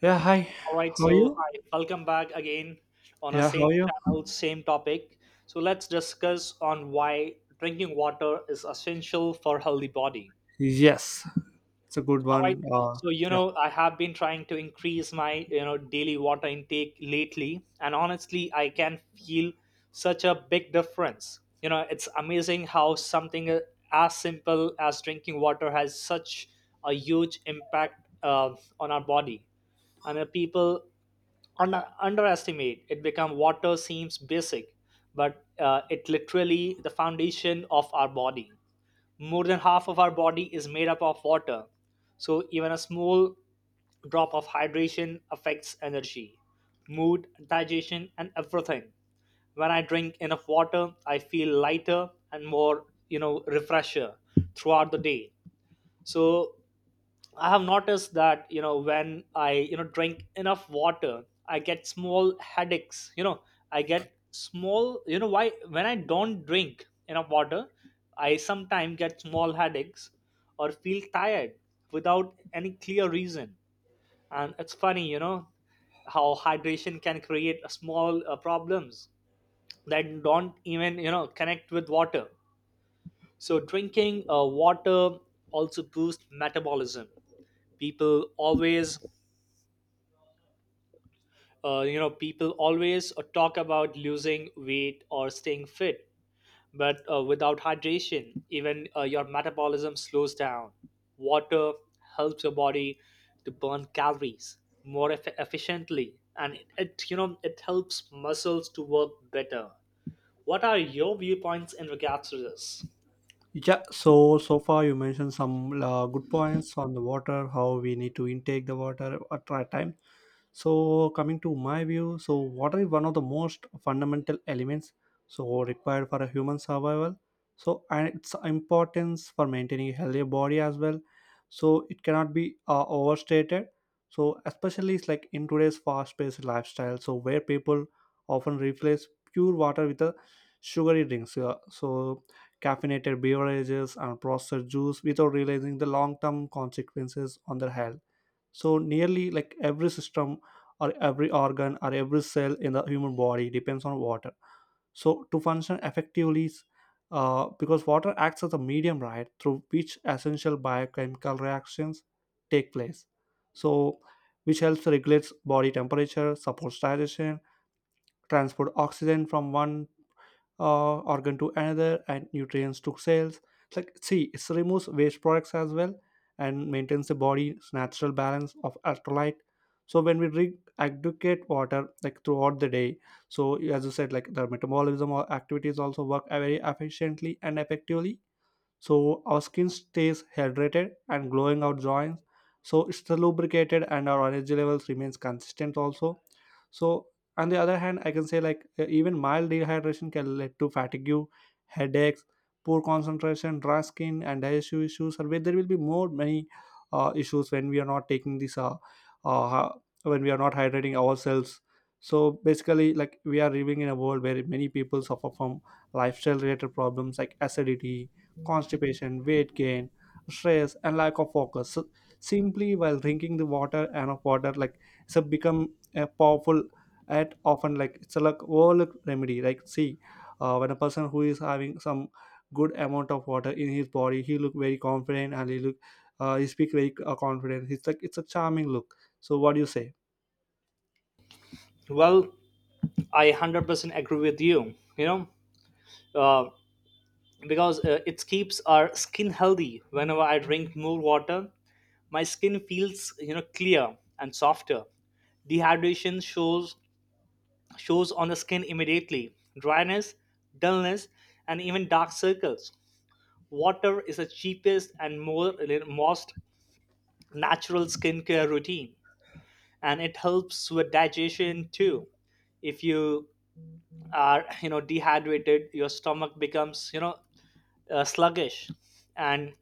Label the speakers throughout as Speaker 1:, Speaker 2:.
Speaker 1: Yeah, hi.
Speaker 2: All right,
Speaker 1: How are
Speaker 2: so
Speaker 1: you?
Speaker 2: hi, welcome back again on our
Speaker 1: Yeah, how
Speaker 2: same
Speaker 1: are you?
Speaker 2: channel, same topic. So let's discuss on why drinking water is essential for healthy body.
Speaker 1: Yes, it's a good
Speaker 2: All right.
Speaker 1: one. Yeah,
Speaker 2: I have been trying to increase my, daily water intake lately, and honestly, I can feel such a big difference. You know, it's amazing how something as simple as drinking water has such a huge impact on our body, and people underestimate it become water seems basic, but it literally the foundation of our body. More than half of our body is made up of water, so even a small drop of hydration affects energy, mood, digestion, and everything. When I drink enough water, I feel lighter and more refresher throughout the day. So I have noticed that you know when I you know drink enough water, I get small headaches. You know, I get small. You know why? When I don't drink enough water, I sometimes get small headaches or feel tired without any clear reason. And it's funny, how hydration can create a small problems that don't even connect with water. So drinking water also boosts metabolism. People always uh, you know people always talk about losing weight or staying fit, but without hydration, even your metabolism slows down. Water helps your body to burn calories more efficiently, and it it helps muscles to work better. What are your viewpoints in regards to this?
Speaker 1: yeah. So so far you mentioned some good points on the water, how we need to intake the water at right time. So coming to my view, so water is one of the most fundamental elements so required for a human survival, so and its importance for maintaining a healthy body as well, so it cannot be overstated. So especially it's like in today's fast-paced lifestyle, so where people often replace pure water with a sugary drinks, yeah. So caffeinated beverages and processed juice without realizing the long-term consequences on their health, so nearly like every system or every organ or every cell in the human body depends on water. So to function effectively, because water acts as a medium, right, through which essential biochemical reactions take place. So which helps regulates body temperature, supports digestion, transport oxygen from one organ to another and nutrients to cells. It's like, see, it removes waste products as well and maintains the body's natural balance of electrolyte. So when we drink aggregate water like throughout the day, so as you said like the metabolism or activities also work very efficiently and effectively. So our skin stays hydrated and glowing out joints, so it's the lubricated and our energy levels remains consistent also. So on the other hand, I can say like even mild dehydration can lead to fatigue, headaches, poor concentration, dry skin and digestive issues, or where there will be more many issues when we are not taking this uh ha- when we are not hydrating ourselves. So basically, like, we are living in a world where many people suffer from lifestyle related problems like acidity, constipation, weight gain, stress and lack of focus. So simply while drinking the water and of water like, so become a powerful at often like it's a like overlook remedy. Like, see, when a person who is having some good amount of water in his body, he look very confident and he look he speak very confident. It's like it's a charming look, so what do you say?
Speaker 2: Well, I 100% agree with you. You know uh, because it keeps our skin healthy. Whenever I drink more water, my skin feels clear and softer. Dehydration shows on the skin immediately. Dryness, dullness, and even dark circles. Water is the cheapest and more most natural skincare routine, and it helps with digestion too. If you are dehydrated, your stomach becomes sluggish, and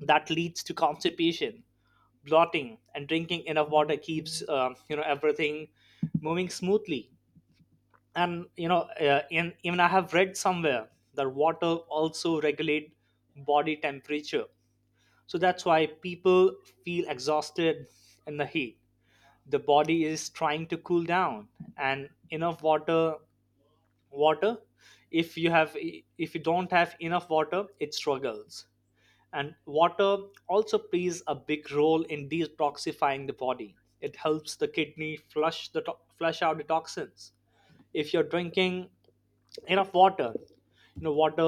Speaker 2: that leads to constipation, blotting, and drinking enough water keeps everything moving smoothly. And even I have read somewhere that water also regulate body temperature. So that's why people feel exhausted in the heat. The body is trying to cool down, and enough water water if you have if you don't have enough water, it struggles. And water also plays a big role in detoxifying the body. It helps the kidney flush flush out the toxins. If you're drinking enough water, water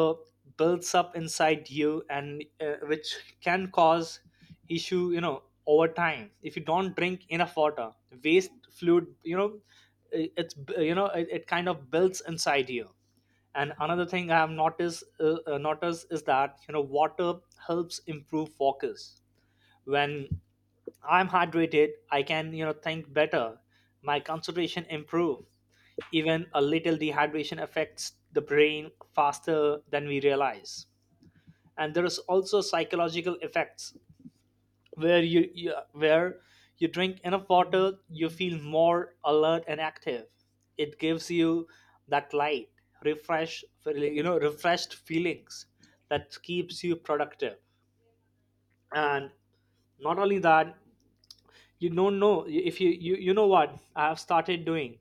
Speaker 2: builds up inside you, and which can cause issue over time. If you don't drink enough water, waste fluid, you know I- it's b- you know it, it kind of builds inside you. And another thing I have noticed is that water helps improve focus. When I'm hydrated, I can, think better. My concentration improve. Even a little dehydration affects the brain faster than we realize. And there is also psychological effects where you drink enough water, you feel more alert and active. It gives you that light, refreshed feelings that keeps you productive. And not only that, you don't know if you you, you know what I've started doing,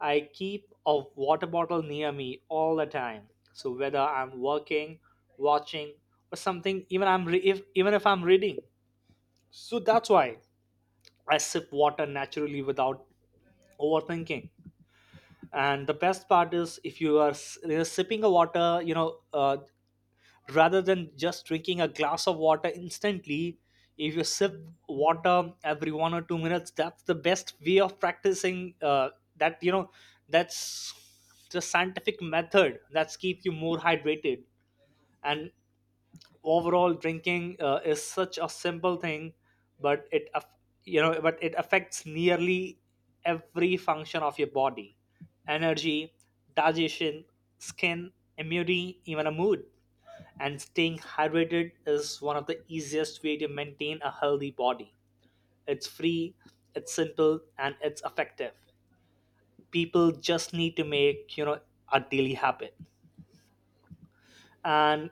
Speaker 2: I keep a water bottle near me all the time. So whether I'm working, watching, or something, even if I'm reading, so that's why I sip water naturally without overthinking. And the best part is, if you are sipping a water, rather than just drinking a glass of water instantly, if you sip water every 1 or 2 minutes, that's the best way of practicing that you know that's the scientific method. That's keep you more hydrated. And overall, drinking is such a simple thing, but it aff- you know but it affects nearly every function of your body. Energy, digestion, skin, immunity, even a mood. And staying hydrated is one of the easiest way to maintain a healthy body. It's free, it's simple, and it's effective. People just need to make a daily habit. And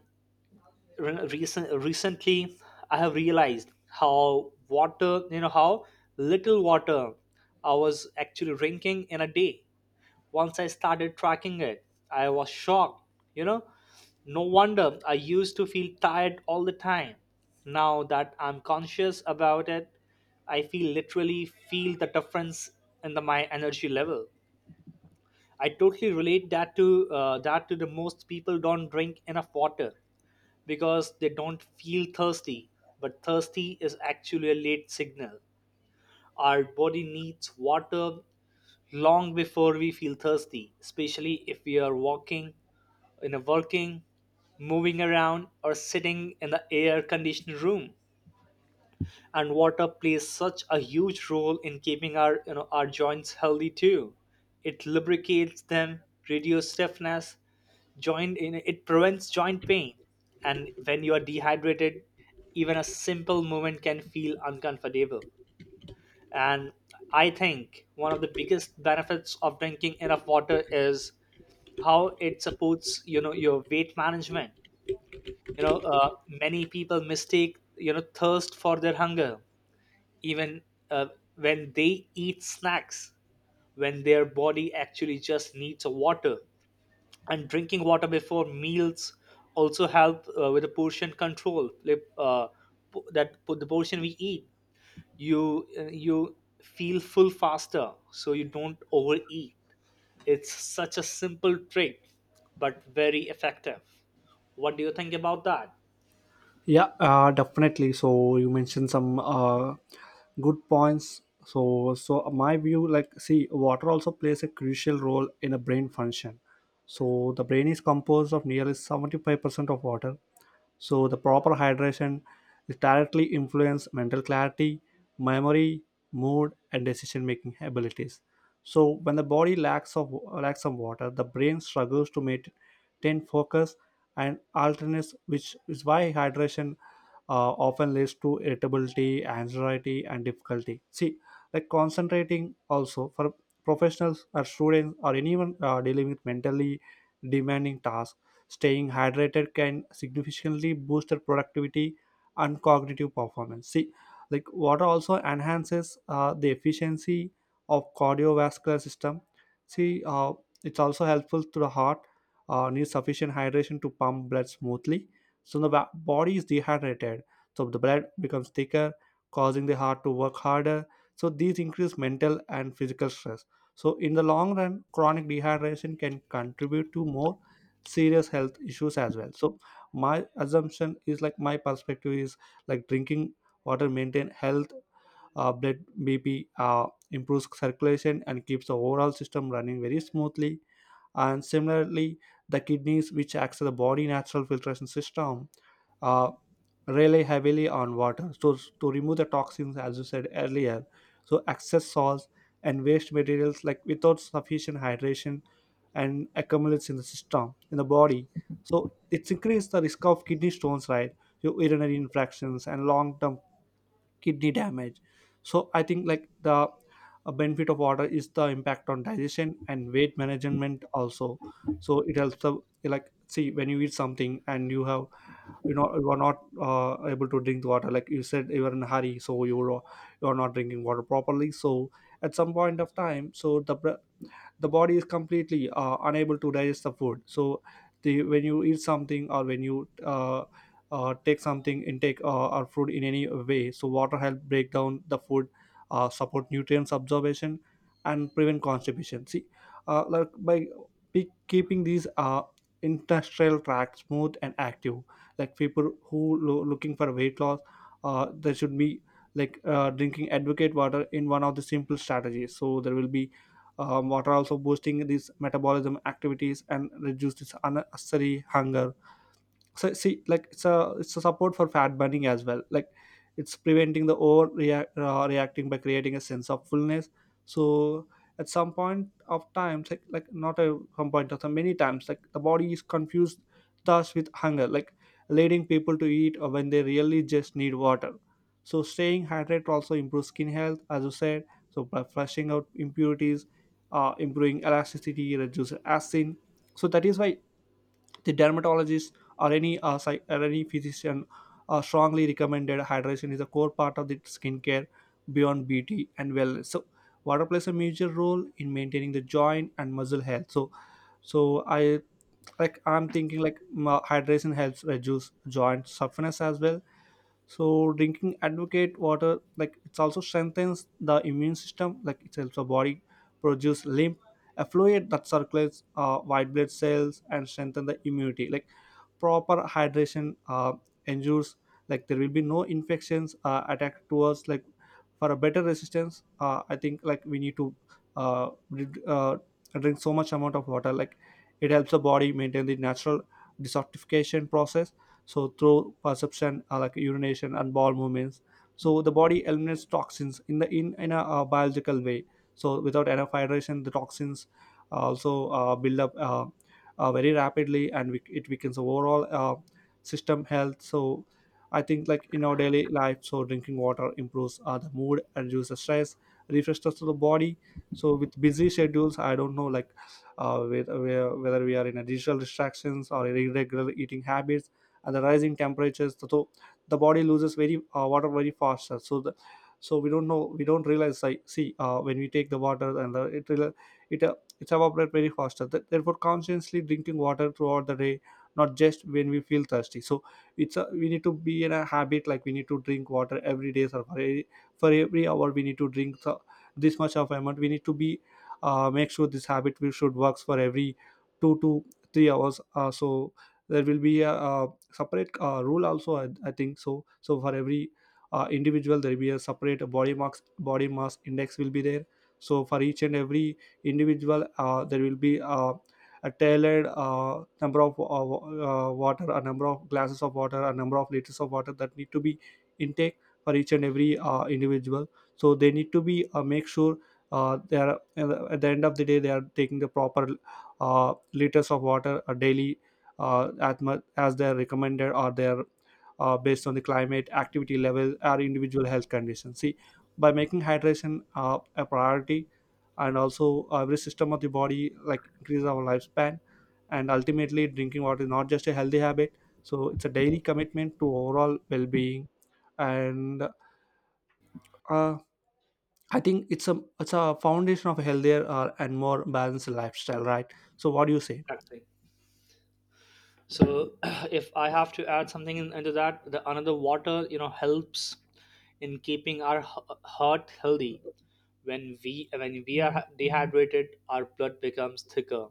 Speaker 2: recently, I have realized how little water I was actually drinking in a day. Once I started tracking it, I was shocked. You know, no wonder I used to feel tired all the time. Now that I'm conscious about it, I feel literally feel the difference in my energy level. I totally relate that to the most people don't drink enough water because they don't feel thirsty, but thirsty is actually a late signal. Our body needs water long before we feel thirsty, especially if we are walking, in a working, moving around, or sitting in the air conditioned room. And water plays such a huge role in keeping our you know our joints healthy too. It lubricates them, reduces stiffness, it prevents joint pain. And when you are dehydrated, even a simple movement can feel uncomfortable. And I think one of the biggest benefits of drinking enough water is how it supports, your weight management. Many people mistake, thirst for their hunger, even uh, when they eat snacks, when their body actually just needs water. And drinking water before meals also help with the portion control, the portion we eat, you feel full faster, so you don't overeat. It's such a simple trick, but very effective. What do you think about that?
Speaker 1: Yeah, definitely. So you mentioned some good points, so so my view like, see, water also plays a crucial role in a brain function, so the brain is composed of nearly 75% of water. So the proper hydration is directly influence mental clarity, memory, mood, and decision making abilities. So when the body lacks of lacks some water, the brain struggles to maintain focus and alertness, which is why hydration often leads to irritability, anxiety, and difficulty. See, like concentrating also for professionals or students or anyone dealing with mentally demanding tasks, staying hydrated can significantly boost their productivity and cognitive performance. See, like water also enhances the efficiency of cardiovascular system. See, it's also helpful to the heart, needs sufficient hydration to pump blood smoothly. So the ba- body is dehydrated, so the blood becomes thicker, causing the heart to work harder. So these increase mental and physical stress. So in the long run, chronic dehydration can contribute to more serious health issues as well. So my assumption is, like, my perspective is, like, drinking water maintain health, blood bp, improves circulation and keeps the overall system running very smoothly. And similarly, the kidneys which acts as the body natural filtration system uh, rely heavily on water, so to remove the toxins as you said earlier. So excess salts and waste materials, like, without sufficient hydration and accumulates in the system in the body, so it's increased the risk of kidney stones, right, your urinary infections and long-term kidney damage. So I think like the benefit of water is the impact on digestion and weight management also. So it helps the, like, see, when you eat something and you have, you know, you are not able to drink the water, like you said you are in a hurry, so you are not drinking water properly, so at some point of time, so the br- the body is completely unable to digest the food. So the when you eat something or when you take something intake or food in any way, so water help break down the food, support nutrients absorption and prevent constipation. See, like by pe- keeping these intestinal tract smooth and active. Like people who lo- looking for weight loss they should be like drinking advocate water in one of the simple strategies. So there will be water also boosting these metabolism activities and reduce this unnecessary hunger. So see, like, it's a support for fat burning as well, like it's preventing the over react, reacting by creating a sense of fullness. So at some point of time like not a some point of time, many times, like the body is confused thus with hunger, like leading people to eat when they really just need water. So staying hydrated also improves skin health, as you said. So by flushing out impurities, improving elasticity, reduce acid. So that is why the dermatologist or any psych- or any physician strongly recommended hydration is a core part of the skincare beyond beauty and wellness. So water plays a major role in maintaining the joint and muscle health. So so I, like I'm thinking like m- hydration helps reduce joint stiffness as well. So drinking advocate water, like it's also strengthens the immune system, like it helps the body produce lymph effluent that circulates white blood cells and strengthen the immunity. Like proper hydration ensures, like there will be no infections attack to us, like for a better resistance. Uh, I think like we need to uh, dr- uh, drink so much amount of water, like it helps the body maintain the natural detoxification process. So through perception, like urination and bowel movements, so the body eliminates toxins in the in a biological way. So without enough hydration, the toxins also build up very rapidly and we, it weakens overall system health. So I think like in our daily life, so drinking water improves the mood and reduces stress, refreshes to the body. So with busy schedules, I don't know like with, where- whether we are in a digital distractions or irregular eating habits and the rising temperatures. So so the body loses very water very fast. So the so we don't know, we don't realize, like, see, when we take the water and the, it will- it it's evaporate very faster. Th- therefore consciously drinking water throughout the day, not just when we feel thirsty. So it's a, we need to be in a habit like we need to drink water every day. So for every hour we need to drink, so this much of amount we need to be make sure this habit we should works for every 2 to 3 hours so there will be a, separate rule also. I think so. So for every individual there will be a separate body mass index will be there. So for each and every individual there will be a tailored number of water, a number of glasses of water, a number of liters of water that need to be intake for each and every individual. So they need to be make sure they are at the end of the day they are taking the proper liters of water daily as much as they are recommended or they are based on the climate, activity level or individual health condition. See, by making hydration a priority and also every system of the body, like increase our lifespan. And ultimately drinking water is not just a healthy habit, so it's a daily commitment to overall well-being. And uh, I think it's a foundation of a healthier and more balanced lifestyle, right? So what do you say?
Speaker 2: Actually, so if I have to add something into that, the another water helps in keeping our heart healthy. When we are dehydrated, our blood becomes thicker,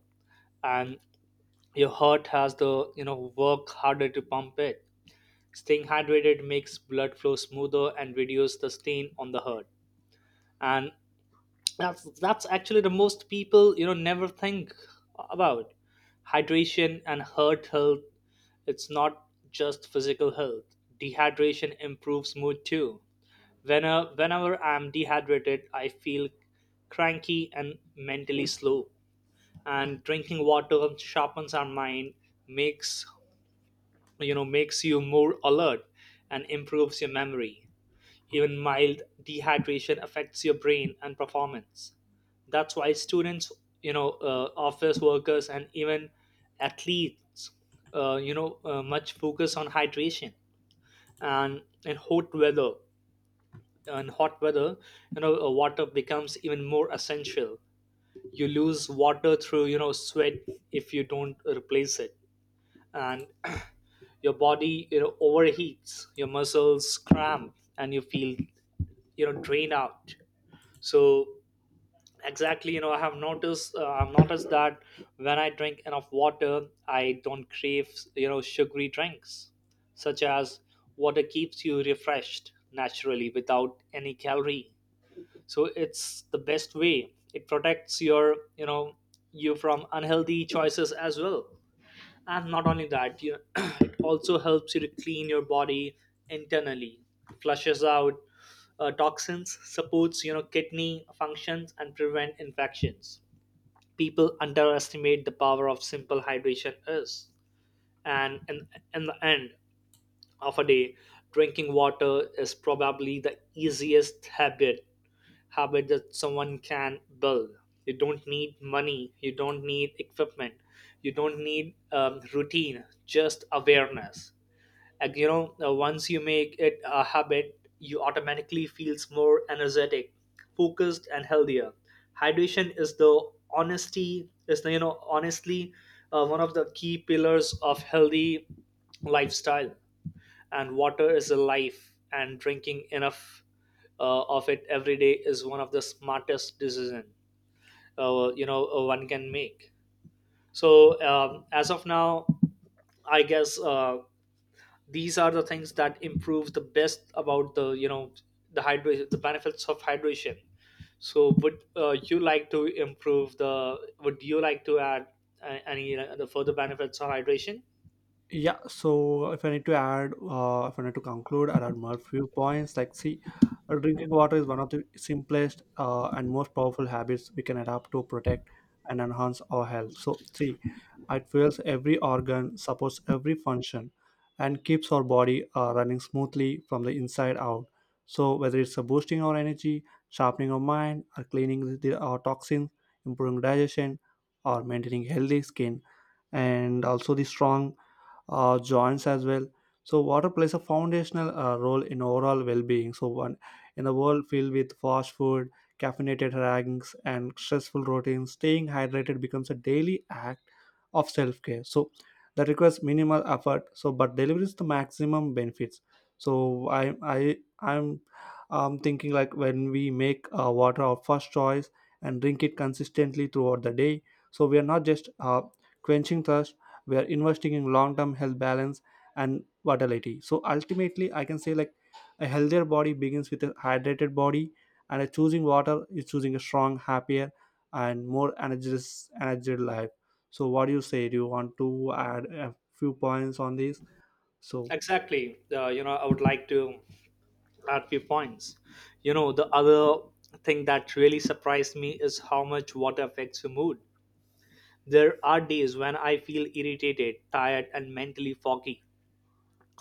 Speaker 2: and your heart has the work harder to pump it. Staying hydrated makes blood flow smoother and reduces the stain on the heart. And that's actually the most people never think about. Hydration and heart health. It's not just physical health. Dehydration improves mood too. Whenever I'm dehydrated, I feel cranky and mentally slow. And drinking water sharpens our mind, makes makes you more alert, and improves your memory. Even mild dehydration affects your brain and performance. That's why students, office workers, and even athletes, much focus on hydration. And in hot weather, water becomes even more essential. You lose water through, sweat. If you don't replace it, and your body, overheats. Your muscles cramp, and you feel, drained out. So exactly, I've noticed that when I drink enough water, I don't crave sugary drinks such as. Water keeps you refreshed naturally without any calorie, so it's the best way. It protects your you know you from unhealthy choices as well. And not only that, it also helps you to clean your body internally, flushes out toxins, supports kidney functions, and prevent infections. People underestimate the power of simple hydration is, and in the end of a day, drinking water is probably the easiest habit that someone can build. You don't need money, you don't need equipment, you don't need routine, just awareness. And once you make it a habit, you automatically feels more energetic, focused, and healthier. Hydration is the honesty is the, you know Honestly, one of the key pillars of healthy lifestyle, and water is a life, and drinking enough of it every day is one of the smartest decision one can make. So as of now, I guess these are the things that improve the best about the you know the hydration, the benefits of hydration. So would you like to add any the further benefits of hydration?
Speaker 1: Yeah, so if I need to add, if I need to conclude, there are more few points. Like, see, drinking water is one of the simplest and most powerful habits we can adapt to protect and enhance our health. So, see, it fuels every organ, supports every function, and keeps our body running smoothly from the inside out. So whether it's boosting our energy, sharpening our mind, or cleaning the- our toxins, improving digestion, or maintaining healthy skin, and also the strong joints as well. So water plays a foundational role in overall well-being. So one in a world filled with fast food, caffeinated drinks, and stressful routines, staying hydrated becomes a daily act of self-care. So that requires minimal effort, so but delivers the maximum benefits. So I'm thinking like when we make water our first choice and drink it consistently throughout the day. So we are not just quenching thirst, we are investing in long term health balance and vitality. So ultimately I can say like a healthier body begins with a hydrated body and a choosing water is choosing a strong happier and more energized energy life. So what do you say, do you want to add a few points on this? So
Speaker 2: Exactly, I would like to at few points. You know, the other thing that really surprised me is how much water affects your mood. There are days when I feel irritated, tired, and mentally foggy.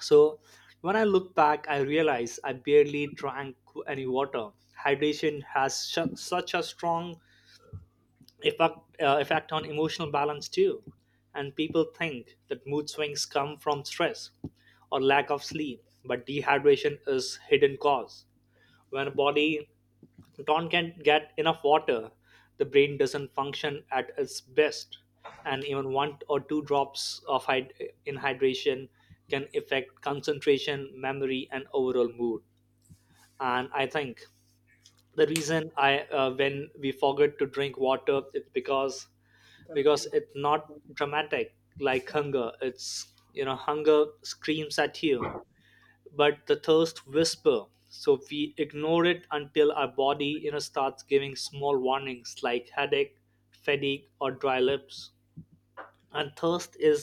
Speaker 2: So, when I look back, I realize I barely drank any water. Hydration has such a strong effect, effect on emotional balance, too. And people think that mood swings come from stress or lack of sleep, but dehydration is hidden cause. When a body don't can get enough water, the brain doesn't function at its best, and even one or two drops of hyd- in hydration can affect concentration, memory, and overall mood. And I think the reason I when we forget to drink water, it's because
Speaker 1: tell
Speaker 2: because
Speaker 1: me.
Speaker 2: it's not dramatic like hunger. It's hunger screams at you, but the thirst whisper, so we ignore it until our body, starts giving small warnings like headache, fatigue, or dry lips. And thirst is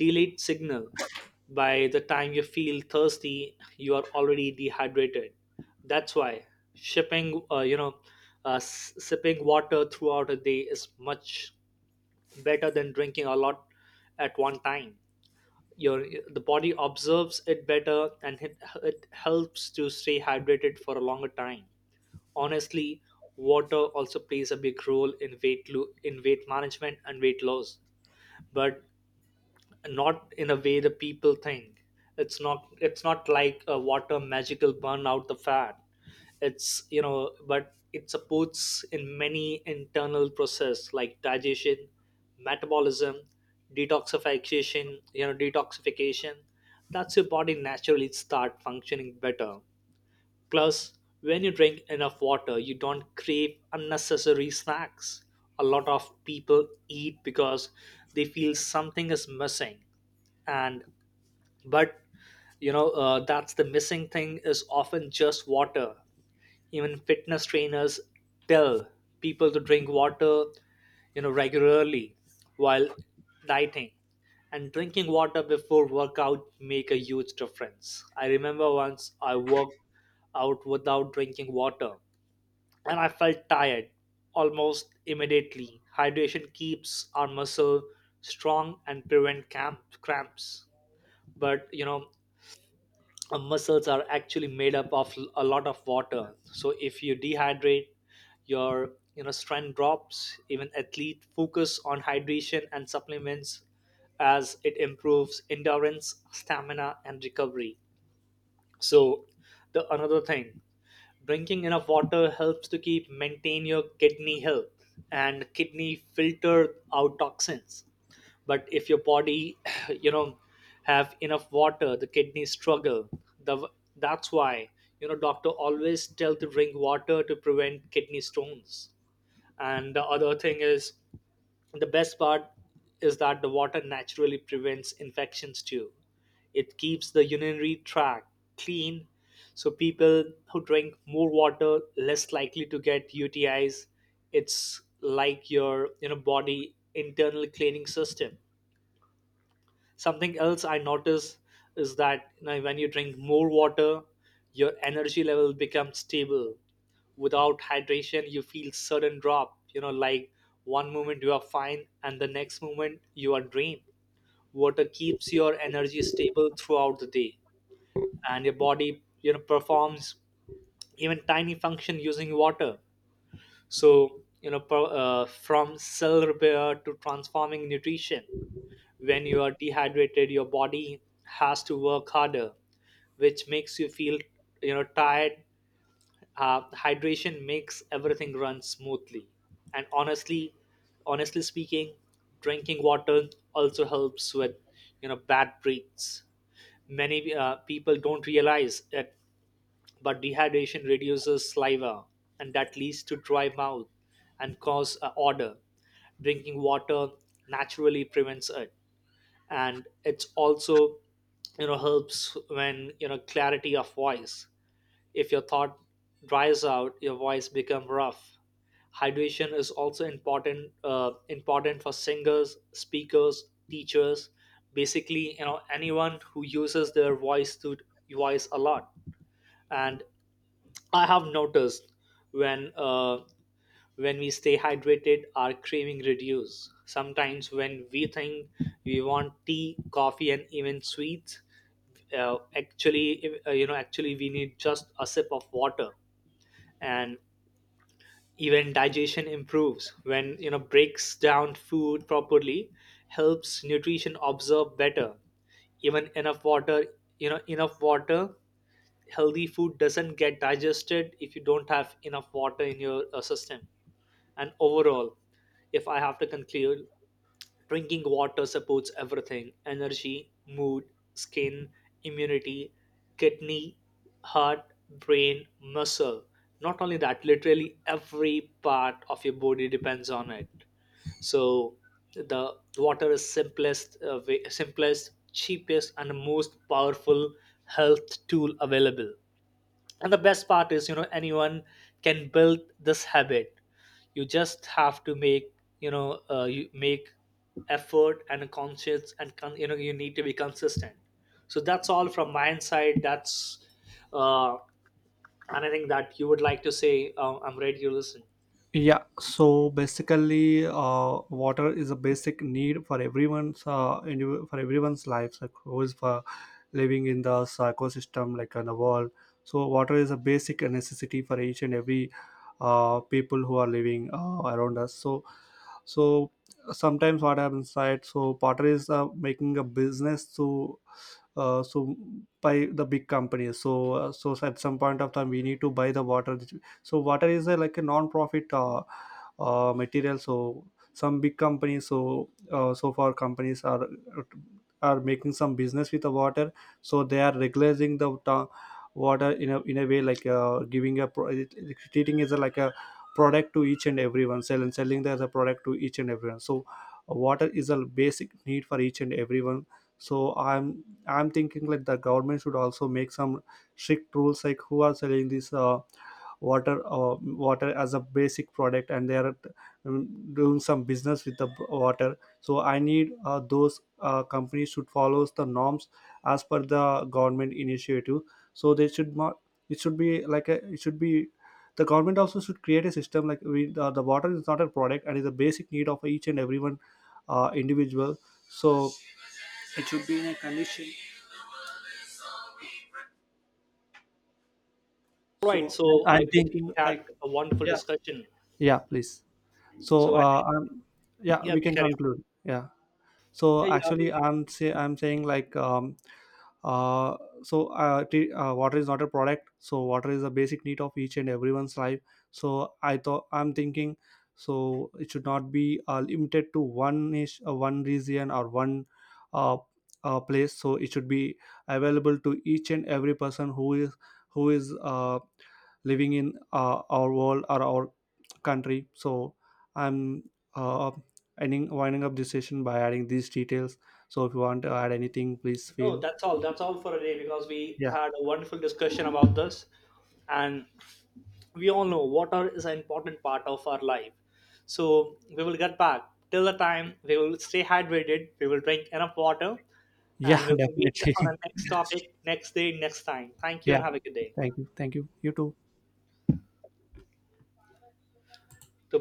Speaker 2: delayed signal. By the time you feel thirsty, you are already dehydrated. That's why shipping you know s- sipping water throughout a day is much better than drinking a lot at one time. Your The body observes it better, and it helps to stay hydrated for a longer time. Honestly, water also plays a big role in weight management and weight loss, but not in a way the people think. It's not like a water magical burn out the fat. It's you know But it supports in many internal process like digestion, metabolism, detoxification. That's your body naturally start functioning better. Plus, when you drink enough water, you don't crave unnecessary snacks. A lot of people eat because they feel something is missing, and but that's the missing thing is often just water. Even fitness trainers tell people to drink water, regularly, while dieting. And drinking water before workout make a huge difference. I remember once I worked out without drinking water, and I felt tired almost immediately. Hydration keeps our muscle strong and prevent camp cramps. But you know Muscles are actually made up of a lot of water, so if you dehydrate, your strength drops. Even athlete focus on hydration and supplements as it improves endurance, stamina, and recovery. So the another thing, drinking enough water helps to keep maintain your kidney health, and kidney filter out toxins. But if your body you know have enough water, the kidneys struggle. The That's why, doctor always tell to drink water to prevent kidney stones. And the other thing is, the best part is that the water naturally prevents infections too. It keeps the urinary tract clean, so people who drink more water less likely to get UTIs. It's like your body internal cleaning system. Something else I notice is that, when you drink more water, your energy level becomes stable. Without hydration, you feel sudden drop. Like one moment you are fine, and the next moment you are drained. Water keeps your energy stable throughout the day, and your body performs even tiny function using water. From cell repair to transforming nutrition, when you are dehydrated, your body has to work harder, which makes you feel, tired. Hydration makes everything run smoothly. And honestly speaking, drinking water also helps with, bad breaths. Many people don't realize it, but dehydration reduces saliva, and that leads to dry mouth and cause odor. Drinking water naturally prevents it, and it's also, helps when clarity of voice. If your thought dries out, your voice become rough. Hydration is also important for singers, speakers, teachers, basically, anyone who uses their voice to voice a lot. And I have noticed, when uh, when we stay hydrated, our craving reduce. Sometimes when we think we want tea, coffee, and even sweets, actually we need just a sip of water. And even digestion improves when, breaks down food properly, helps nutrition absorb better. Even enough water, you know, Enough water, healthy food doesn't get digested if you don't have enough water in your system. And overall, if I have to conclude, drinking water supports everything: energy, mood, skin, immunity, kidney, heart, brain, muscle. Not only that, literally every part of your body depends on it. So the water is simplest, cheapest, and the most powerful health tool available. And the best part is, anyone can build this habit. You just have to make, you know you make effort and a conscious and you need to be consistent. So that's all from my side. That's uh, anything that you would like to say? I'm ready to listen.
Speaker 1: Yeah, so basically, water is a basic need for everyone's for everyone's lives, like who is for living in the ecosystem, like on the world. So water is a basic necessity for each and every people who are living around us. So, so sometimes what happens, right? So water is making a business to so by the big companies. So so at some point of time, we need to buy the water, so water is a, like a non-profit material. So some big companies, so so far companies are making some business with the water, so they are regulating the ta- water in a way like giving a pro- it- it- treating as a, like a product to each and everyone sell and selling that as a product to each and everyone. So water is a basic need for each and everyone. So I'm thinking like the government should also make some strict rules, like who are selling this water water as a basic product and they are um, doing some business with the water. So I need those companies should follow the norms as per the government initiative. So they should not, it should be like a, it should be, the government also should create a system, like we the water is not a product and is a basic need of each and everyone individual. So it should be in a condition.
Speaker 2: All right,
Speaker 1: So i'm
Speaker 2: so I
Speaker 1: I'm
Speaker 2: believe we
Speaker 1: thinking
Speaker 2: had
Speaker 1: like,
Speaker 2: a wonderful
Speaker 1: yeah,
Speaker 2: discussion.
Speaker 1: yeah, please. So
Speaker 2: So I
Speaker 1: I'm,
Speaker 2: think,
Speaker 1: yeah,
Speaker 2: yeah,
Speaker 1: we can
Speaker 2: carry on.
Speaker 1: conclude. Yeah.
Speaker 2: Yeah,
Speaker 1: So
Speaker 2: yeah,
Speaker 1: actually I'm saying like uh water is not a product. So water is a basic need of each and everyone's life. So I'm thinking so it should not be limited to one ish one region or one uh, place. So it should be available to each and every person who is living in our world or our country. So I'm uh, ending winding up this session by adding these details. So if you want to add anything, please
Speaker 2: no,
Speaker 1: feel.
Speaker 2: that's all, that's all for today, because we
Speaker 1: Yeah,
Speaker 2: had a wonderful discussion about this. And we all know water is an important part of our life. So we will get back. Till the time, we will stay hydrated, we will drink enough water, and
Speaker 1: yeah.
Speaker 2: we will meet on our
Speaker 1: Definitely.
Speaker 2: next topic, next day, next time. Thank you
Speaker 1: Yeah.
Speaker 2: and have a good day.
Speaker 1: Thank you, thank you. You too.